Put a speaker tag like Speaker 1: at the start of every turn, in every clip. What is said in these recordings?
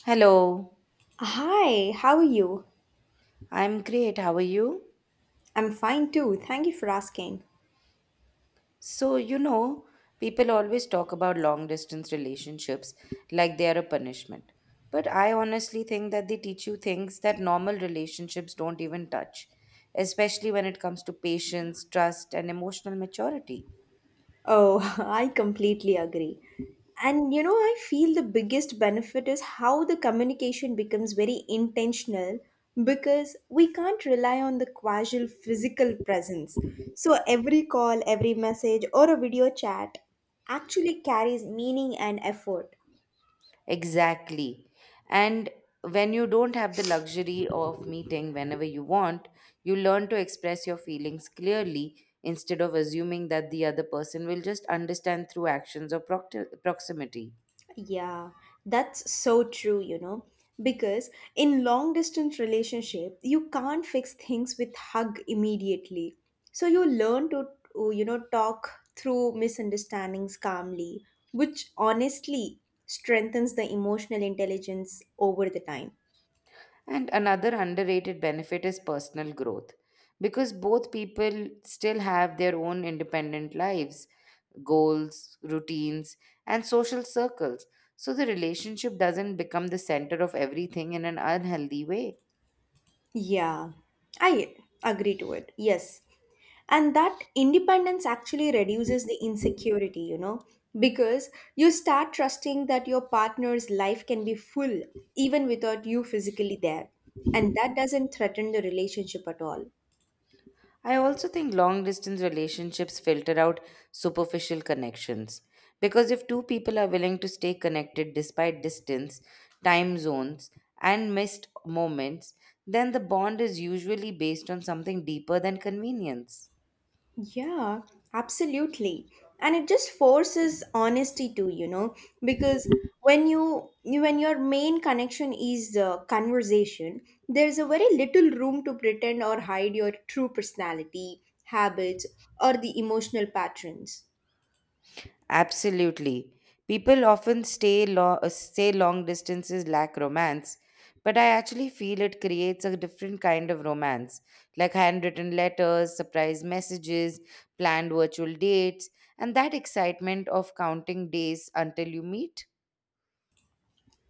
Speaker 1: Hello,
Speaker 2: Hi, how are you?
Speaker 1: I'm great. How are you?
Speaker 2: I'm fine too. Thank you for asking.
Speaker 1: So, you know, people always talk about long distance relationships like they are a punishment. But I honestly think that they teach you things that normal relationships don't even touch, especially when it comes to patience, trust, and emotional maturity.
Speaker 2: Oh, I completely agree. And you know, I feel the biggest benefit is how the communication becomes very intentional because we can't rely on the casual physical presence. So every call, every message, or a video chat actually carries meaning and effort.
Speaker 1: Exactly. And when you don't have the luxury of meeting whenever you want, you learn to express your feelings clearly instead of assuming that the other person will just understand through actions or proximity.
Speaker 2: Yeah, that's so true, you know, because in long distance relationship, you can't fix things with hug immediately. So you learn to talk through misunderstandings calmly, which honestly strengthens the emotional intelligence over the time.
Speaker 1: And another underrated benefit is personal growth because both people still have their own independent lives, goals, routines, and social circles. So the relationship doesn't become the center of everything in an unhealthy way.
Speaker 2: Yeah, I agree to it. Yes, and that independence actually reduces the insecurity, you know, because you start trusting that your partner's life can be full even without you physically there, and that doesn't threaten the relationship at all.
Speaker 1: I also think long distance relationships filter out superficial connections because if two people are willing to stay connected despite distance, time zones, and missed moments, then the bond is usually based on something deeper than convenience.
Speaker 2: Yeah, absolutely. And it just forces honesty too, you know, because when when your main connection is the conversation, there's a very little room to pretend or hide your true personality, habits, or the emotional patterns.
Speaker 1: Absolutely. People often say long distances lack romance, but I actually feel it creates a different kind of romance, like handwritten letters, surprise messages, planned virtual dates, and that excitement of counting days until you meet.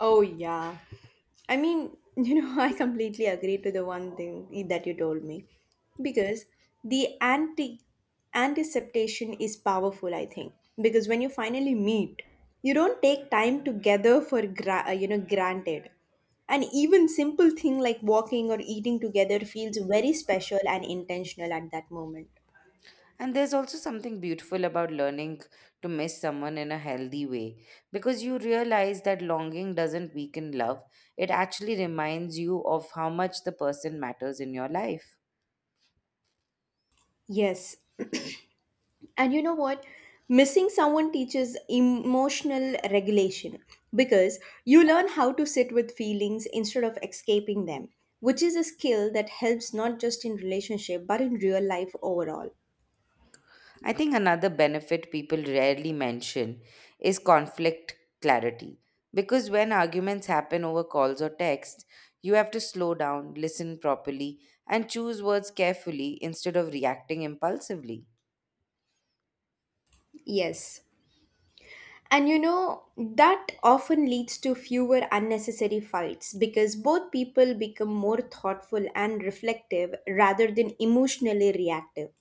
Speaker 2: Oh, yeah. I mean, you know, I completely agree to the one thing that you told me, because the anticipation is powerful, I think. Because when you finally meet, you don't take time together for you know, granted. And even simple thing like walking or eating together feels very special and intentional at that moment.
Speaker 1: And there's also something beautiful about learning to miss someone in a healthy way because you realize that longing doesn't weaken love, it actually reminds you of how much the person matters in your life.
Speaker 2: Yes, and you know what? Missing someone teaches emotional regulation because you learn how to sit with feelings instead of escaping them, which is a skill that helps not just in relationship but in real life overall.
Speaker 1: I think another benefit people rarely mention is conflict clarity. Because when arguments happen over calls or texts, you have to slow down, listen properly, and choose words carefully instead of reacting impulsively.
Speaker 2: Yes. And you know, that often leads to fewer unnecessary fights because both people become more thoughtful and reflective rather than emotionally reactive.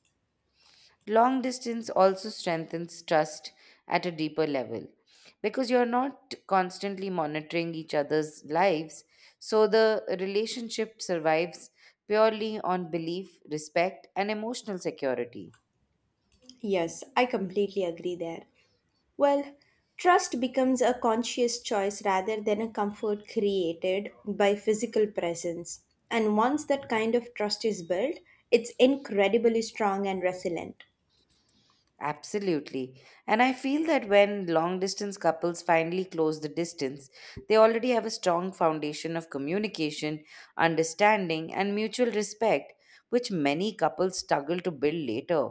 Speaker 1: Long distance also strengthens trust at a deeper level because you're not constantly monitoring each other's lives. So the relationship survives purely on belief, respect, and emotional security.
Speaker 2: Yes, I completely agree there. Well, trust becomes a conscious choice rather than a comfort created by physical presence. And once that kind of trust is built, it's incredibly strong and resilient.
Speaker 1: Absolutely. And I feel that when long distance couples finally close the distance, they already have a strong foundation of communication, understanding, and mutual respect, which many couples struggle to build later.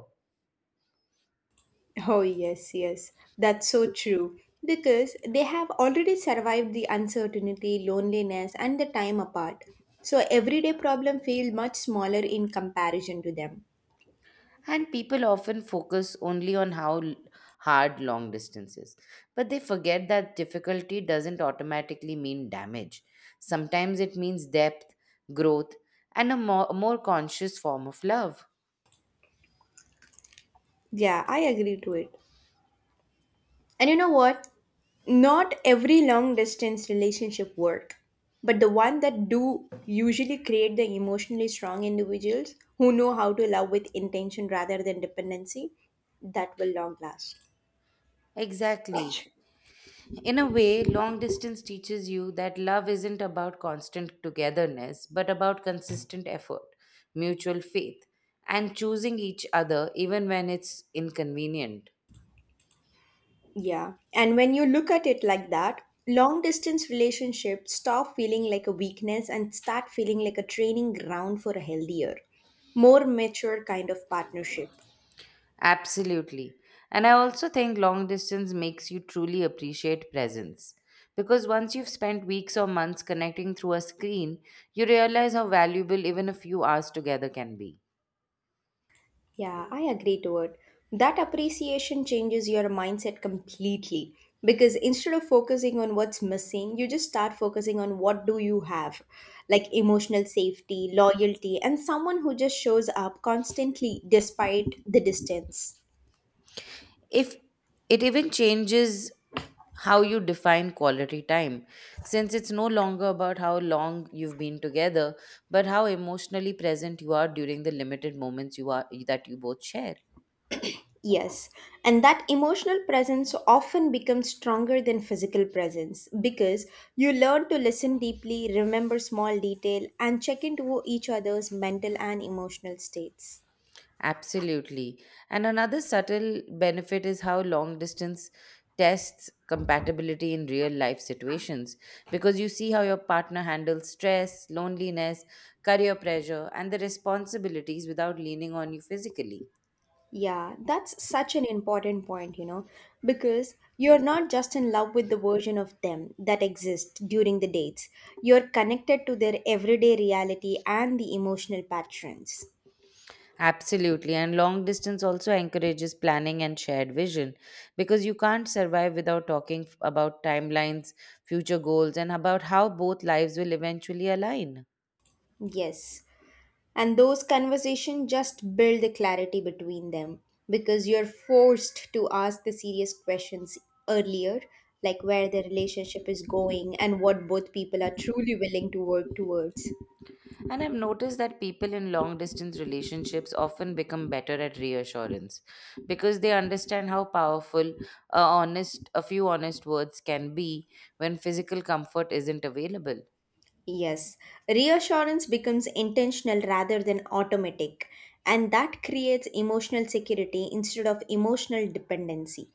Speaker 2: Oh, yes, yes, that's so true. Because they have already survived the uncertainty, loneliness, and the time apart. So everyday problem feel much smaller in comparison to them.
Speaker 1: And people often focus only on hard long distances, but they forget that difficulty doesn't automatically mean damage. Sometimes it means depth, growth, and a more conscious form of love.
Speaker 2: Yeah, I agree to it. And you know what? Not every long distance relationship work, but the one that do usually create the emotionally strong individuals who know how to love with intention rather than dependency that will long last.
Speaker 1: Exactly. In a way, long distance teaches you that love isn't about constant togetherness, but about consistent effort, mutual faith, and choosing each other even when it's inconvenient.
Speaker 2: Yeah. And when you look at it like that, long distance relationships stop feeling like a weakness and start feeling like a training ground for a healthier, more mature kind of partnership.
Speaker 1: Absolutely. And I also think long distance makes you truly appreciate presence. Because once you've spent weeks or months connecting through a screen, you realize how valuable even a few hours together can be.
Speaker 2: Yeah, I agree to it. That appreciation changes your mindset completely because instead of focusing on what's missing, you just start focusing on what do you have, like emotional safety, loyalty, and someone who just shows up constantly despite the distance.
Speaker 1: If it even changes how you define quality time, since it's no longer about how long you've been together but how emotionally present you are during the limited moments you are that you both share.
Speaker 2: Yes, and that emotional presence often becomes stronger than physical presence because you learn to listen deeply, remember small detail, and check into each other's mental and emotional states.
Speaker 1: Absolutely. And another subtle benefit is how long distance tests compatibility in real life situations, because you see how your partner handles stress, loneliness, career pressure, and the responsibilities without leaning on you physically.
Speaker 2: Yeah, that's such an important point, you know, because you're not just in love with the version of them that exists during the dates. You're connected to their everyday reality and the emotional patterns.
Speaker 1: Absolutely. And long distance also encourages planning and shared vision because you can't survive without about timelines, future goals, and about how both lives will eventually align.
Speaker 2: Yes. And those conversations just build the clarity between them because you're forced to ask the serious questions earlier, like where the relationship is going and what both people are truly willing to work towards.
Speaker 1: And I've noticed that people in long distance relationships often become better at reassurance because they understand how powerful a few honest words can be when physical comfort isn't available.
Speaker 2: Yes, reassurance becomes intentional rather than automatic, and that creates emotional security instead of emotional dependency.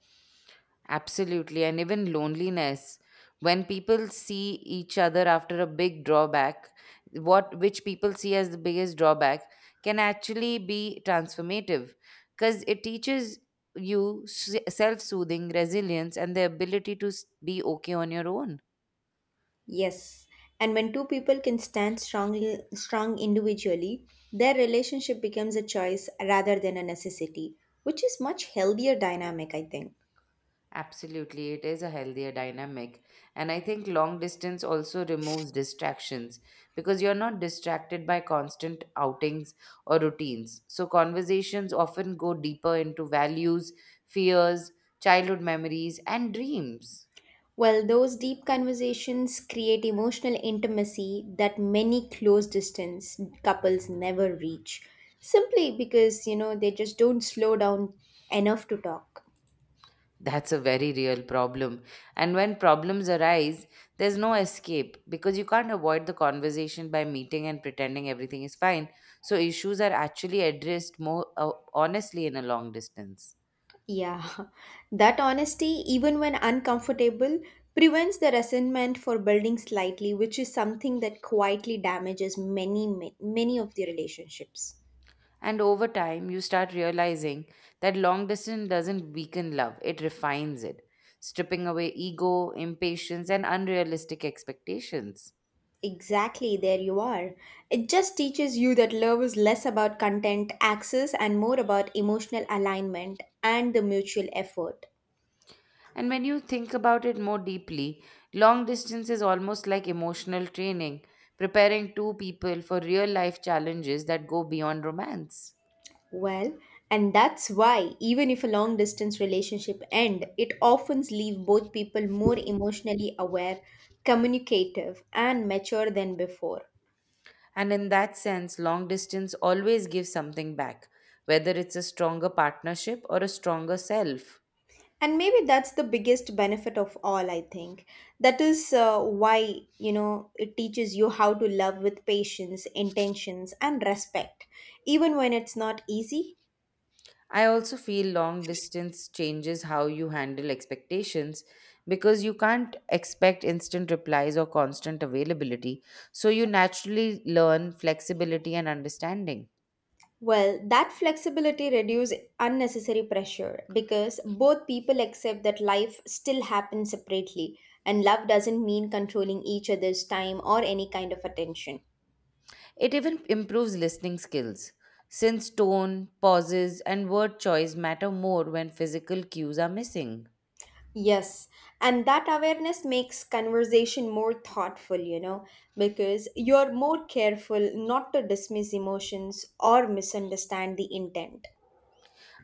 Speaker 1: Absolutely. And even loneliness. When people see each other after a big drawback, What which people see as the biggest drawback can actually be transformative because it teaches you self soothing, resilience, and the ability to be okay on your own.
Speaker 2: Yes, and when two people can strong individually, their relationship becomes a choice rather than a necessity, which is much healthier dynamic, I think.
Speaker 1: Absolutely, it is a healthier dynamic. And I think long distance also removes distractions because you're not distracted by constant outings or routines. So, conversations often go deeper into values, fears, childhood memories, and dreams.
Speaker 2: Well, those deep conversations create emotional intimacy that many close distance couples never reach simply because, you know, they just don't slow down enough to talk.
Speaker 1: That's a very real problem. And when problems arise, there's no escape because you can't avoid the conversation by meeting and pretending everything is fine. So, issues are actually addressed more honestly in a long distance.
Speaker 2: Yeah, that honesty, even when uncomfortable, prevents the resentment for building slightly, which is something that quietly damages many of the relationships.
Speaker 1: And over time, you start realizing that long distance doesn't weaken love, it refines it, stripping away ego, impatience, and unrealistic expectations.
Speaker 2: Exactly, there you are. It just teaches you that love is less about content access and more about emotional alignment and the mutual effort.
Speaker 1: And when you think about it more deeply, long distance is almost like emotional training, preparing two people for real life challenges that go beyond romance.
Speaker 2: Well, and that's why even if a long distance relationship end, it often leave both people more emotionally aware, communicative and mature than before.
Speaker 1: And in that sense, long distance always gives something back, whether it's a stronger partnership or a stronger self.
Speaker 2: And maybe that's the biggest benefit of all, I think. That is why, you know, it teaches you how to love with patience, intentions and respect even when it's not easy.
Speaker 1: I also feel long distance changes how you handle expectations because you can't expect instant replies or constant availability. So you naturally learn flexibility and understanding.
Speaker 2: Well, that flexibility reduces unnecessary pressure because both people accept that life still happens separately, and love doesn't mean controlling each other's time or any kind of attention.
Speaker 1: It even improves listening skills since tone, pauses, and word choice matter more when physical cues are missing.
Speaker 2: Yes, and that awareness makes conversation more thoughtful, you know, because you're more careful not to dismiss emotions or misunderstand the intent.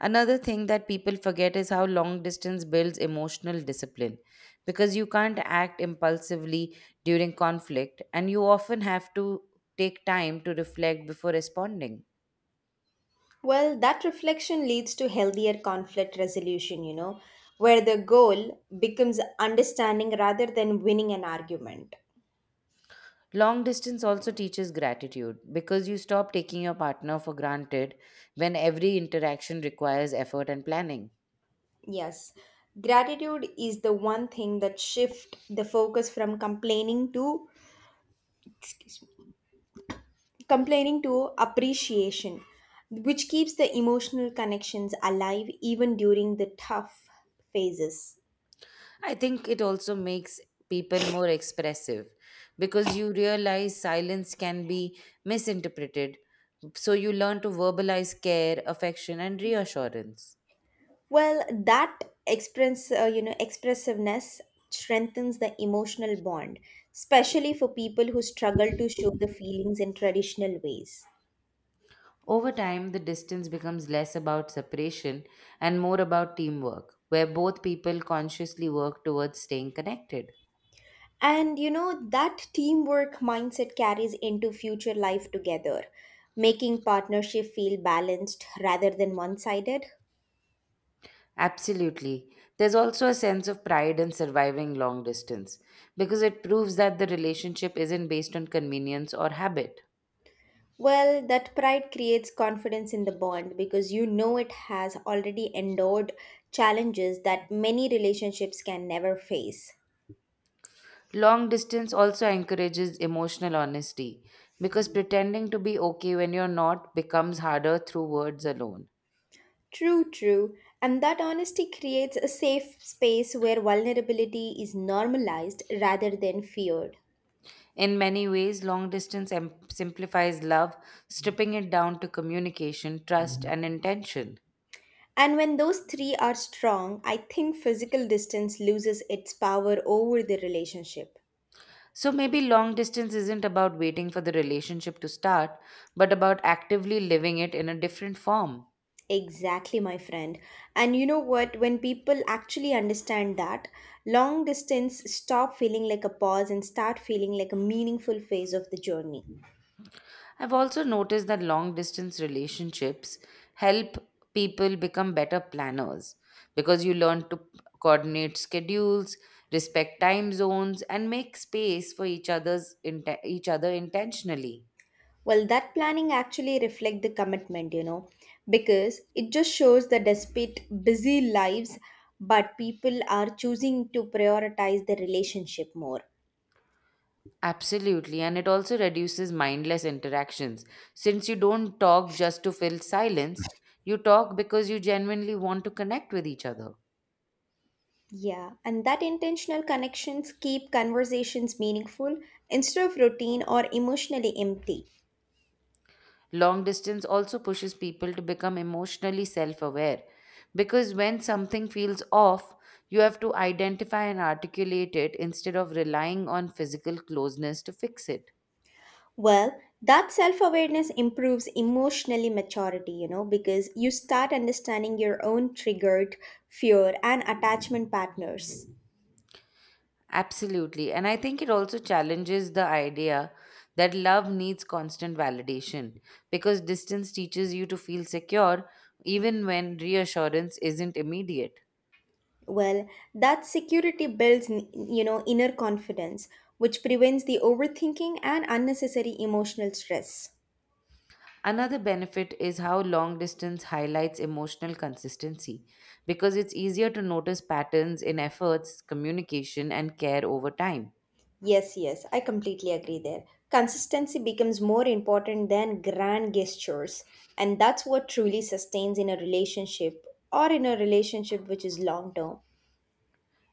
Speaker 1: Another thing that people forget is how long distance builds emotional discipline because you can't act impulsively during conflict and you often have to take time to reflect before responding.
Speaker 2: Well, that reflection leads to healthier conflict resolution, you know, where the goal becomes understanding rather than winning an argument.
Speaker 1: Long distance also teaches gratitude because you stop taking your partner for granted when every interaction requires effort and planning.
Speaker 2: Yes, gratitude is the one thing that shift the focus from excuse me complaining to appreciation, which keeps the emotional connections alive even during the tough phases.
Speaker 1: I think it also makes people more expressive because you realize silence can be misinterpreted. So you learn to verbalize care, affection, and reassurance.
Speaker 2: Well, that expressiveness strengthens the emotional bond, especially for people who struggle to show the feelings in traditional ways.
Speaker 1: Over time, the distance becomes less about separation and more about teamwork, where both people consciously work towards staying connected.
Speaker 2: And you know, that teamwork mindset carries into future life together, making partnership feel balanced rather than one sided.
Speaker 1: Absolutely. There's also a sense of pride in surviving long distance because it proves that the relationship isn't based on convenience or habit.
Speaker 2: Well, that pride creates confidence in the bond because you know it has already endured challenges that many relationships can never face.
Speaker 1: Long distance also encourages emotional honesty because pretending to be okay when you're not becomes harder through words alone.
Speaker 2: True, true. And that honesty creates a safe space where vulnerability is normalized rather than feared.
Speaker 1: In many ways, long distance simplifies love, stripping it down to communication, trust, and intention.
Speaker 2: And when those three are strong, I think physical distance loses its power over the relationship.
Speaker 1: So maybe long distance isn't about waiting for the relationship to start, but about actively living it in a different form.
Speaker 2: Exactly, my friend. And you know what? When people actually understand that, long distance stop feeling like a pause and start feeling like a meaningful phase of the journey.
Speaker 1: I've also noticed that long distance relationships help people become better planners because you learn to coordinate schedules, respect time zones, and make space for each other intentionally.
Speaker 2: Well, that planning actually reflect the commitment, you know, because it just shows that despite busy lives, but people are choosing to prioritize the relationship more.
Speaker 1: Absolutely, and it also reduces mindless interactions since you don't talk just to fill silence. You talk because you genuinely want to connect with each other.
Speaker 2: Yeah, and that intentional connections keep conversations meaningful instead of routine or emotionally empty.
Speaker 1: Long distance also pushes people to become emotionally self aware because when something feels off, you have to identify and articulate it instead of relying on physical closeness to fix it.
Speaker 2: Well, that self awareness improves emotionally maturity, you know, because you start understanding your own triggered fear and attachment patterns.
Speaker 1: Absolutely. And I think it also challenges the idea that love needs constant validation because distance teaches you to feel secure even when reassurance isn't immediate.
Speaker 2: Well, that security builds, you know, inner confidence, which prevents the overthinking and unnecessary emotional stress.
Speaker 1: Another benefit is how long distance highlights emotional consistency because it's easier to notice patterns in efforts, communication, and care over time.
Speaker 2: Yes, yes, I completely agree there. Consistency becomes more important than grand gestures, and that's what truly sustains in a relationship or in a relationship which is long term.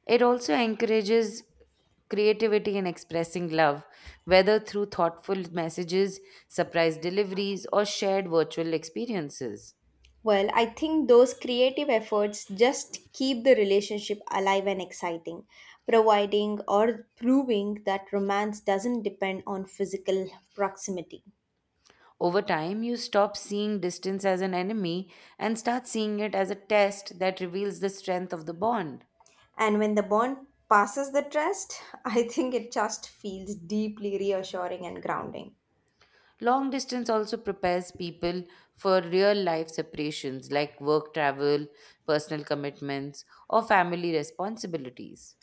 Speaker 1: It also encourages creativity in expressing love, whether through thoughtful messages, surprise deliveries, or shared virtual experiences.
Speaker 2: Well, I think those creative efforts just keep the relationship alive and exciting, providing or proving that romance doesn't depend on physical proximity.
Speaker 1: Over time, you stop seeing distance as an enemy and start seeing it as a test that reveals the strength of the bond.
Speaker 2: And when the bond passes the trust, I think it just feels deeply reassuring and grounding.
Speaker 1: Long distance also prepares people for real life separations like work travel, personal commitments, or family responsibilities.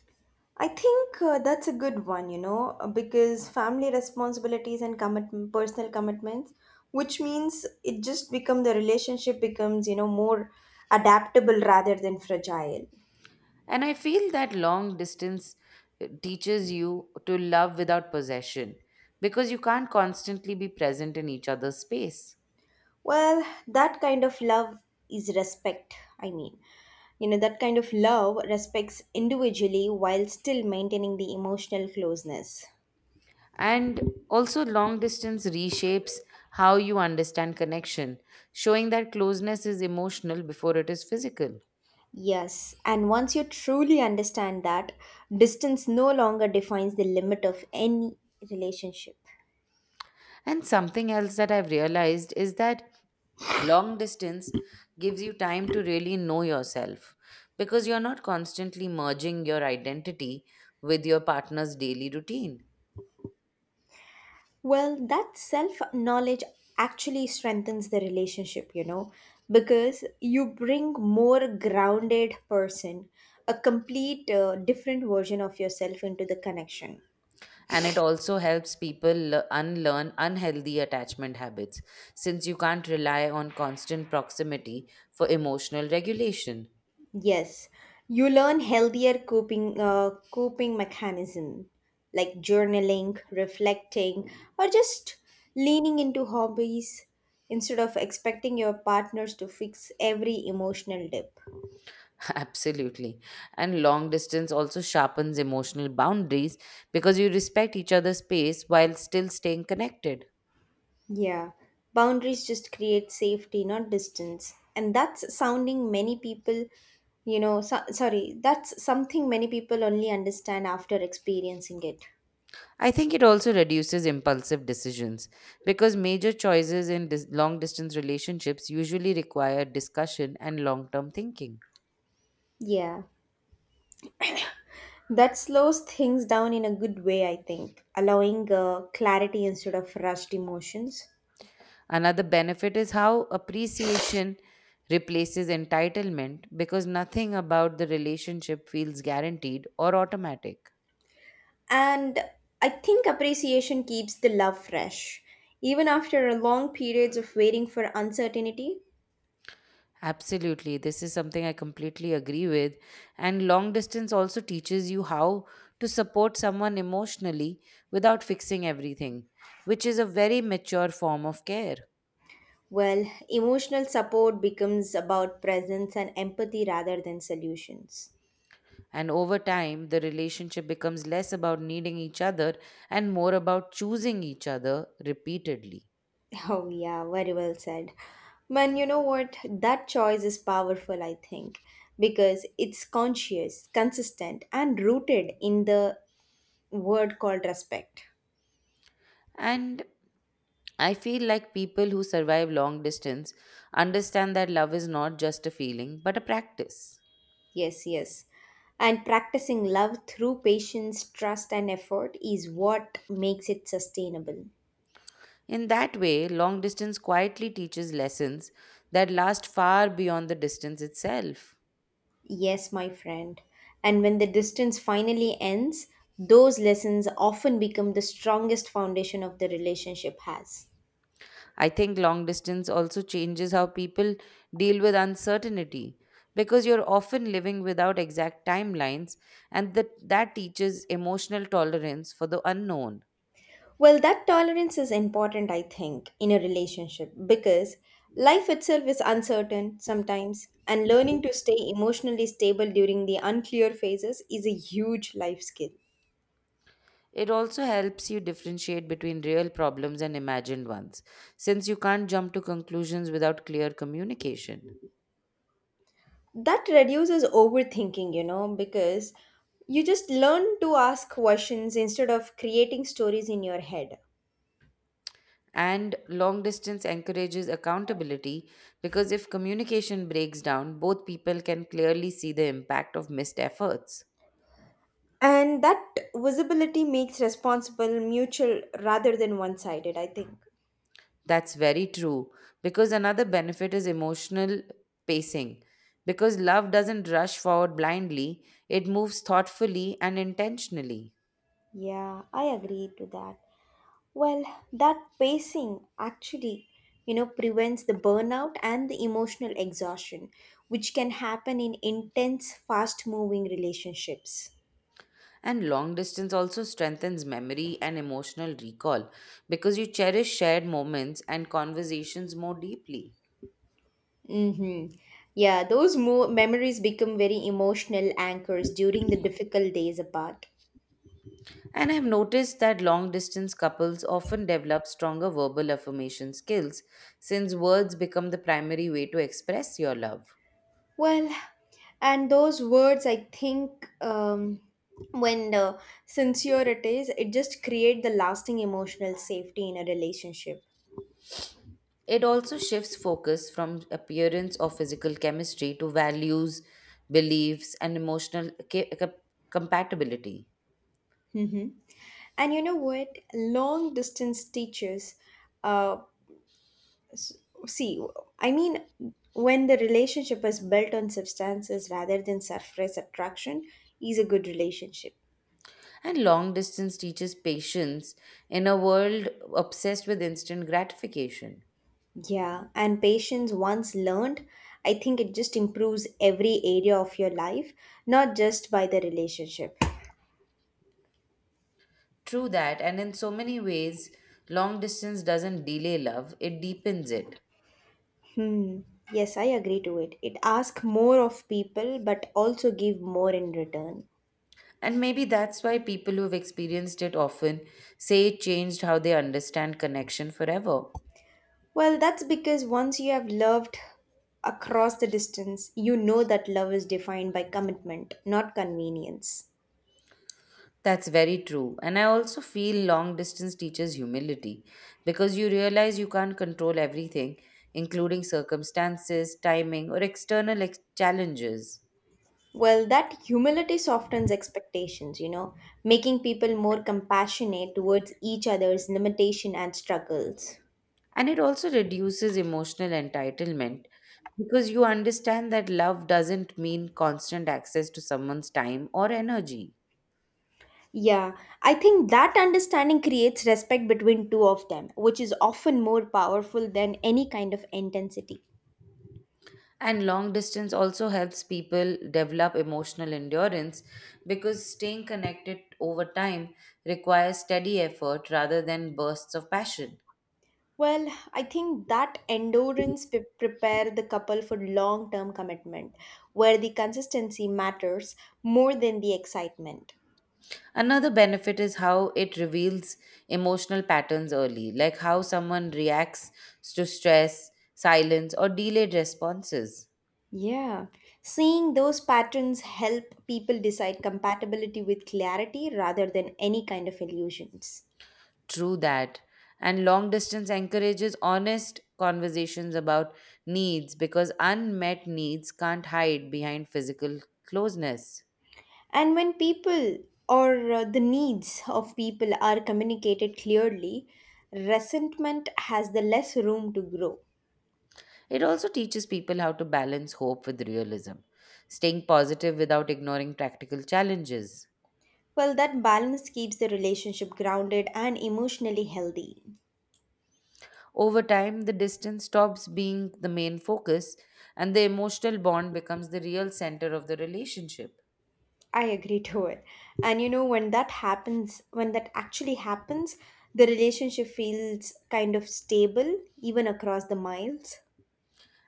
Speaker 2: I think that's a good one, you know. Because family responsibilities and commit personal commitments, which means it just become the relationship becomes, you know, more adaptable rather than fragile.
Speaker 1: And I feel that long distance teaches you to love without possession because you can't constantly be present in each other's space.
Speaker 2: Well, that kind of love is respect, I mean. You know, that kind of love respects individually while still maintaining the emotional closeness.
Speaker 1: And also, long distance reshapes how you understand connection, showing that closeness is emotional before it is physical.
Speaker 2: Yes, and once you truly understand that, distance no longer defines the limit of any relationship.
Speaker 1: And something else that I've realized is that long distance gives you time to really know yourself because you're not constantly merging your identity with your partner's daily routine.
Speaker 2: Well, that self knowledge actually strengthens the relationship, you know, because you bring more grounded person, a complete different version of yourself into the connection.
Speaker 1: And it also helps people unlearn unhealthy attachment habits since you can't rely on constant proximity for emotional regulation.
Speaker 2: Yes, you learn healthier coping mechanism like journaling, reflecting, or just leaning into hobbies instead of expecting your partners to fix every emotional dip.
Speaker 1: Absolutely. And long distance also sharpens emotional boundaries because you respect each other's space while still staying connected.
Speaker 2: Yeah, boundaries just create safety, not distance. And that's sounding many people, you know, so, sorry, that's something many people only understand after experiencing it.
Speaker 1: I think it also reduces impulsive decisions because major choices in long distance relationships usually require discussion and long term thinking.
Speaker 2: Yeah, that slows things down in a good way, I think, allowing clarity instead of rushed emotions.
Speaker 1: Another benefit is how appreciation replaces entitlement because nothing about the relationship feels guaranteed or automatic.
Speaker 2: And I think appreciation keeps the love fresh, even after long periods of waiting for uncertainty.
Speaker 1: Absolutely. This is something I completely agree with. And long distance also teaches you how to support someone emotionally without fixing everything, which is a very mature form of care.
Speaker 2: Well, emotional support becomes about presence and empathy rather than solutions.
Speaker 1: And over time, the relationship becomes less about needing each other and more about choosing each other repeatedly.
Speaker 2: Oh, yeah, very well said. Man, you know what? That choice is powerful, I think, because it's conscious, consistent, and rooted in the word called respect.
Speaker 1: And I feel like people who survive long distance understand that love is not just a feeling, but a practice.
Speaker 2: Yes, yes. And practicing love through patience, trust, and effort is what makes it sustainable.
Speaker 1: In that way, long distance quietly teaches lessons that last far beyond the distance itself.
Speaker 2: Yes, my friend. And when the distance finally ends, those lessons often become the strongest foundation of the relationship has.
Speaker 1: I think long distance also changes how people deal with uncertainty because you're often living without exact timelines, and that teaches emotional tolerance for the unknown.
Speaker 2: Well, that tolerance is important, I think, in a relationship because life itself is uncertain sometimes, and learning to stay emotionally stable during the unclear phases is a huge life skill.
Speaker 1: It also helps you differentiate between real problems and imagined ones, since you can't jump to conclusions without clear communication.
Speaker 2: That reduces overthinking, you know, because you just learn to ask questions instead of creating stories in your head.
Speaker 1: And long distance encourages accountability because if communication breaks down, both people can clearly see the impact of missed efforts.
Speaker 2: And that visibility makes responsible mutual rather than one sided, I think.
Speaker 1: That's very true. Because another benefit is emotional pacing. Because love doesn't rush forward blindly, it moves thoughtfully and intentionally.
Speaker 2: Yeah, I agree to that. Well, that pacing actually, you know, prevents the burnout and the emotional exhaustion, which can happen in intense, fast moving relationships.
Speaker 1: And long distance also strengthens memory and emotional recall because you cherish shared moments and conversations more deeply.
Speaker 2: Mm-hmm. Yeah, those memories become very emotional anchors during the difficult days apart.
Speaker 1: And I've noticed that long distance couples often develop stronger verbal affirmation skills since words become the primary way to express your love.
Speaker 2: Well, and those words, I think, when sincere it is, it just create the lasting emotional safety in a relationship.
Speaker 1: It also shifts focus from appearance or physical chemistry to values, beliefs, and emotional compatibility.
Speaker 2: Hmm. And you know what? Long distance teaches. Uh, s- see, I mean, when the relationship is built on substances rather than surface attraction, is a good relationship.
Speaker 1: And long distance teaches patience in a world obsessed with instant gratification.
Speaker 2: Yeah, and patience once learned, I think it just improves every area of your life, not just by the relationship.
Speaker 1: True that, and in so many ways, long distance doesn't delay love, it deepens it.
Speaker 2: Hmm. Yes, I agree to it. It asks more of people, but also give more in return.
Speaker 1: And maybe that's why people who've experienced it often say it changed how they understand connection forever.
Speaker 2: Well, that's because once you have loved across the distance, you know that love is defined by commitment, not convenience.
Speaker 1: That's very true. And I also feel long distance teaches humility because you realize you can't control everything, including circumstances, timing, or external challenges.
Speaker 2: Well, that humility softens expectations, you know, making people more compassionate towards each other's limitation and struggles.
Speaker 1: And it also reduces emotional entitlement because you understand that love doesn't mean constant access to someone's time or energy.
Speaker 2: Yeah, I think that understanding creates respect between two of them, which is often more powerful than any kind of intensity.
Speaker 1: And long distance also helps people develop emotional endurance because staying connected over time requires steady effort rather than bursts of passion.
Speaker 2: Well, I think that prepare the couple for long-term commitment, where the consistency matters more than the excitement.
Speaker 1: Another benefit is how it reveals emotional patterns early, like how someone reacts to stress, silence, or delayed responses.
Speaker 2: Yeah, seeing those patterns help people decide compatibility with clarity rather than any kind of illusions.
Speaker 1: True that. And long distance encourages honest conversations about needs because unmet needs can't hide behind physical closeness.
Speaker 2: And when people or the needs of people are communicated clearly, resentment has the less room to grow.
Speaker 1: It also teaches people how to balance hope with realism, staying positive without ignoring practical challenges.
Speaker 2: Well, that balance keeps the relationship grounded and emotionally healthy.
Speaker 1: Over time, the distance stops being the main focus and the emotional bond becomes the real center of the relationship.
Speaker 2: I agree to it. And you know, when that happens, when that actually happens, the relationship feels kind of stable even across the miles.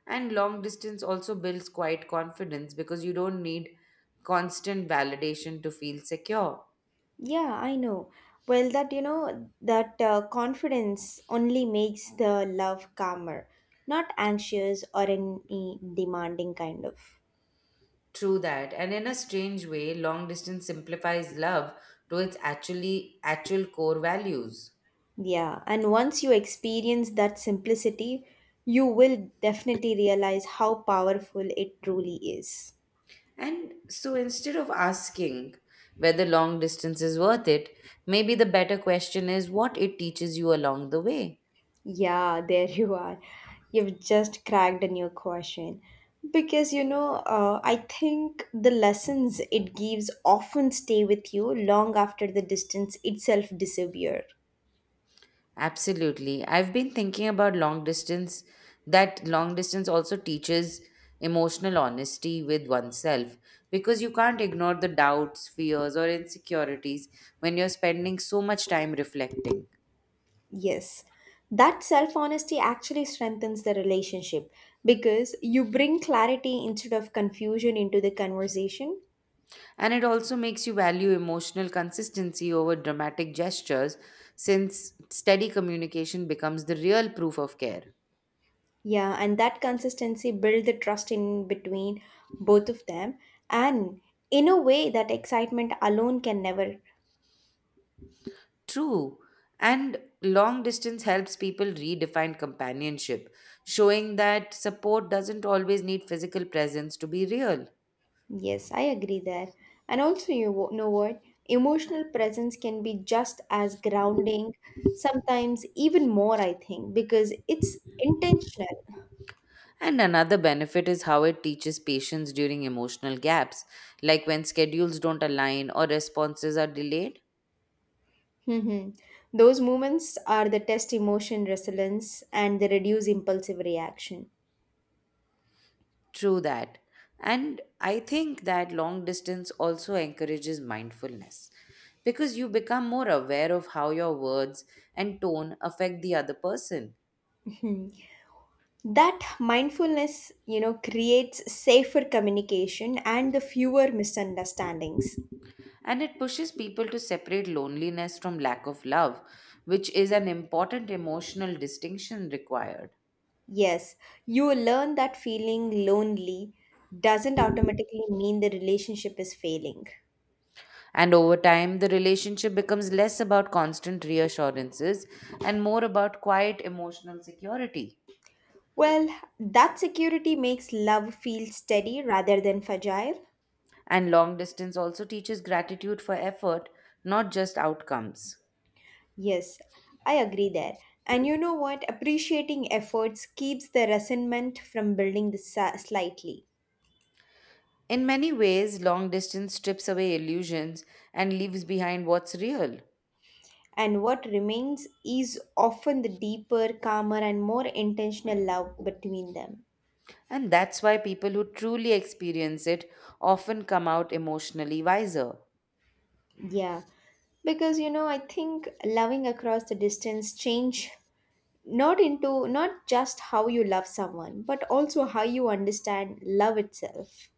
Speaker 1: And long distance also builds quiet confidence because you don't need constant validation to feel secure.
Speaker 2: Yeah, I know. Well, that, you know, that confidence only makes the love calmer, not anxious or any demanding kind of.
Speaker 1: True that. And in a strange way, long distance simplifies love to its actual core values.
Speaker 2: Yeah, and once you experience that simplicity, you will definitely realize how powerful it truly is.
Speaker 1: And so instead of asking whether long distance is worth it, maybe the better question is what it teaches you along the way.
Speaker 2: Yeah, there you are. You've just cracked a new question. Because, you know, I think the lessons it gives often stay with you long after the distance itself disappear.
Speaker 1: Absolutely. I've been thinking about long distance, that long distance also teaches emotional honesty with oneself because you can't ignore the doubts, fears, or insecurities when you're spending so much time reflecting.
Speaker 2: Yes. That self honesty actually strengthens the relationship because you bring clarity instead of confusion into the conversation.
Speaker 1: And it also makes you value emotional consistency over dramatic gestures, since steady communication becomes the real proof of care.
Speaker 2: Yeah, and that consistency build the trust in between both of them and in a way that excitement alone can never.
Speaker 1: True. And long distance helps people redefine companionship, showing that support doesn't always need physical presence to be real.
Speaker 2: Yes, I agree there. And also, you know what? Emotional presence can be just as grounding, sometimes even more, I think, because it's intentional.
Speaker 1: And another benefit is how it teaches patience during emotional gaps, like when schedules don't align or responses are delayed.
Speaker 2: Mhm. Those moments are the test emotion resilience and they reduce impulsive reaction.
Speaker 1: True that. And I think that long distance also encourages mindfulness because you become more aware of how your words and tone affect the other person.
Speaker 2: Mhm. That mindfulness, you know, creates safer communication and the fewer misunderstandings.
Speaker 1: And it pushes people to separate loneliness from lack of love, which is an important emotional distinction required.
Speaker 2: Yes, you will learn that feeling lonely doesn't automatically mean the relationship is failing.
Speaker 1: And over time, the relationship becomes less about constant reassurances and more about quiet emotional security.
Speaker 2: Well, that security makes love feel steady rather than fragile.
Speaker 1: And long distance also teaches gratitude for effort, not just outcomes.
Speaker 2: Yes, I agree there. And you know what? Appreciating efforts keeps the resentment from building the slightly.
Speaker 1: In many ways, long distance strips away illusions and leaves behind what's real.
Speaker 2: And what remains is often the deeper, calmer, and more intentional love between them.
Speaker 1: And that's why people who truly experience it often come out emotionally wiser.
Speaker 2: Yeah, because you know, I think loving across the distance change not just how you love someone but also how you understand love itself.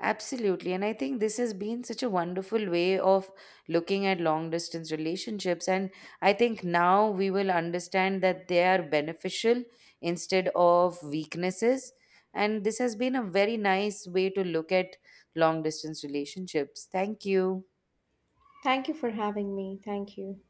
Speaker 1: Absolutely. And I think this has been such a wonderful way of looking at long distance relationships. And I think now we will understand that they are beneficial instead of weaknesses. And this has been a very nice way to look at long distance relationships. Thank you.
Speaker 2: Thank you for having me. Thank you.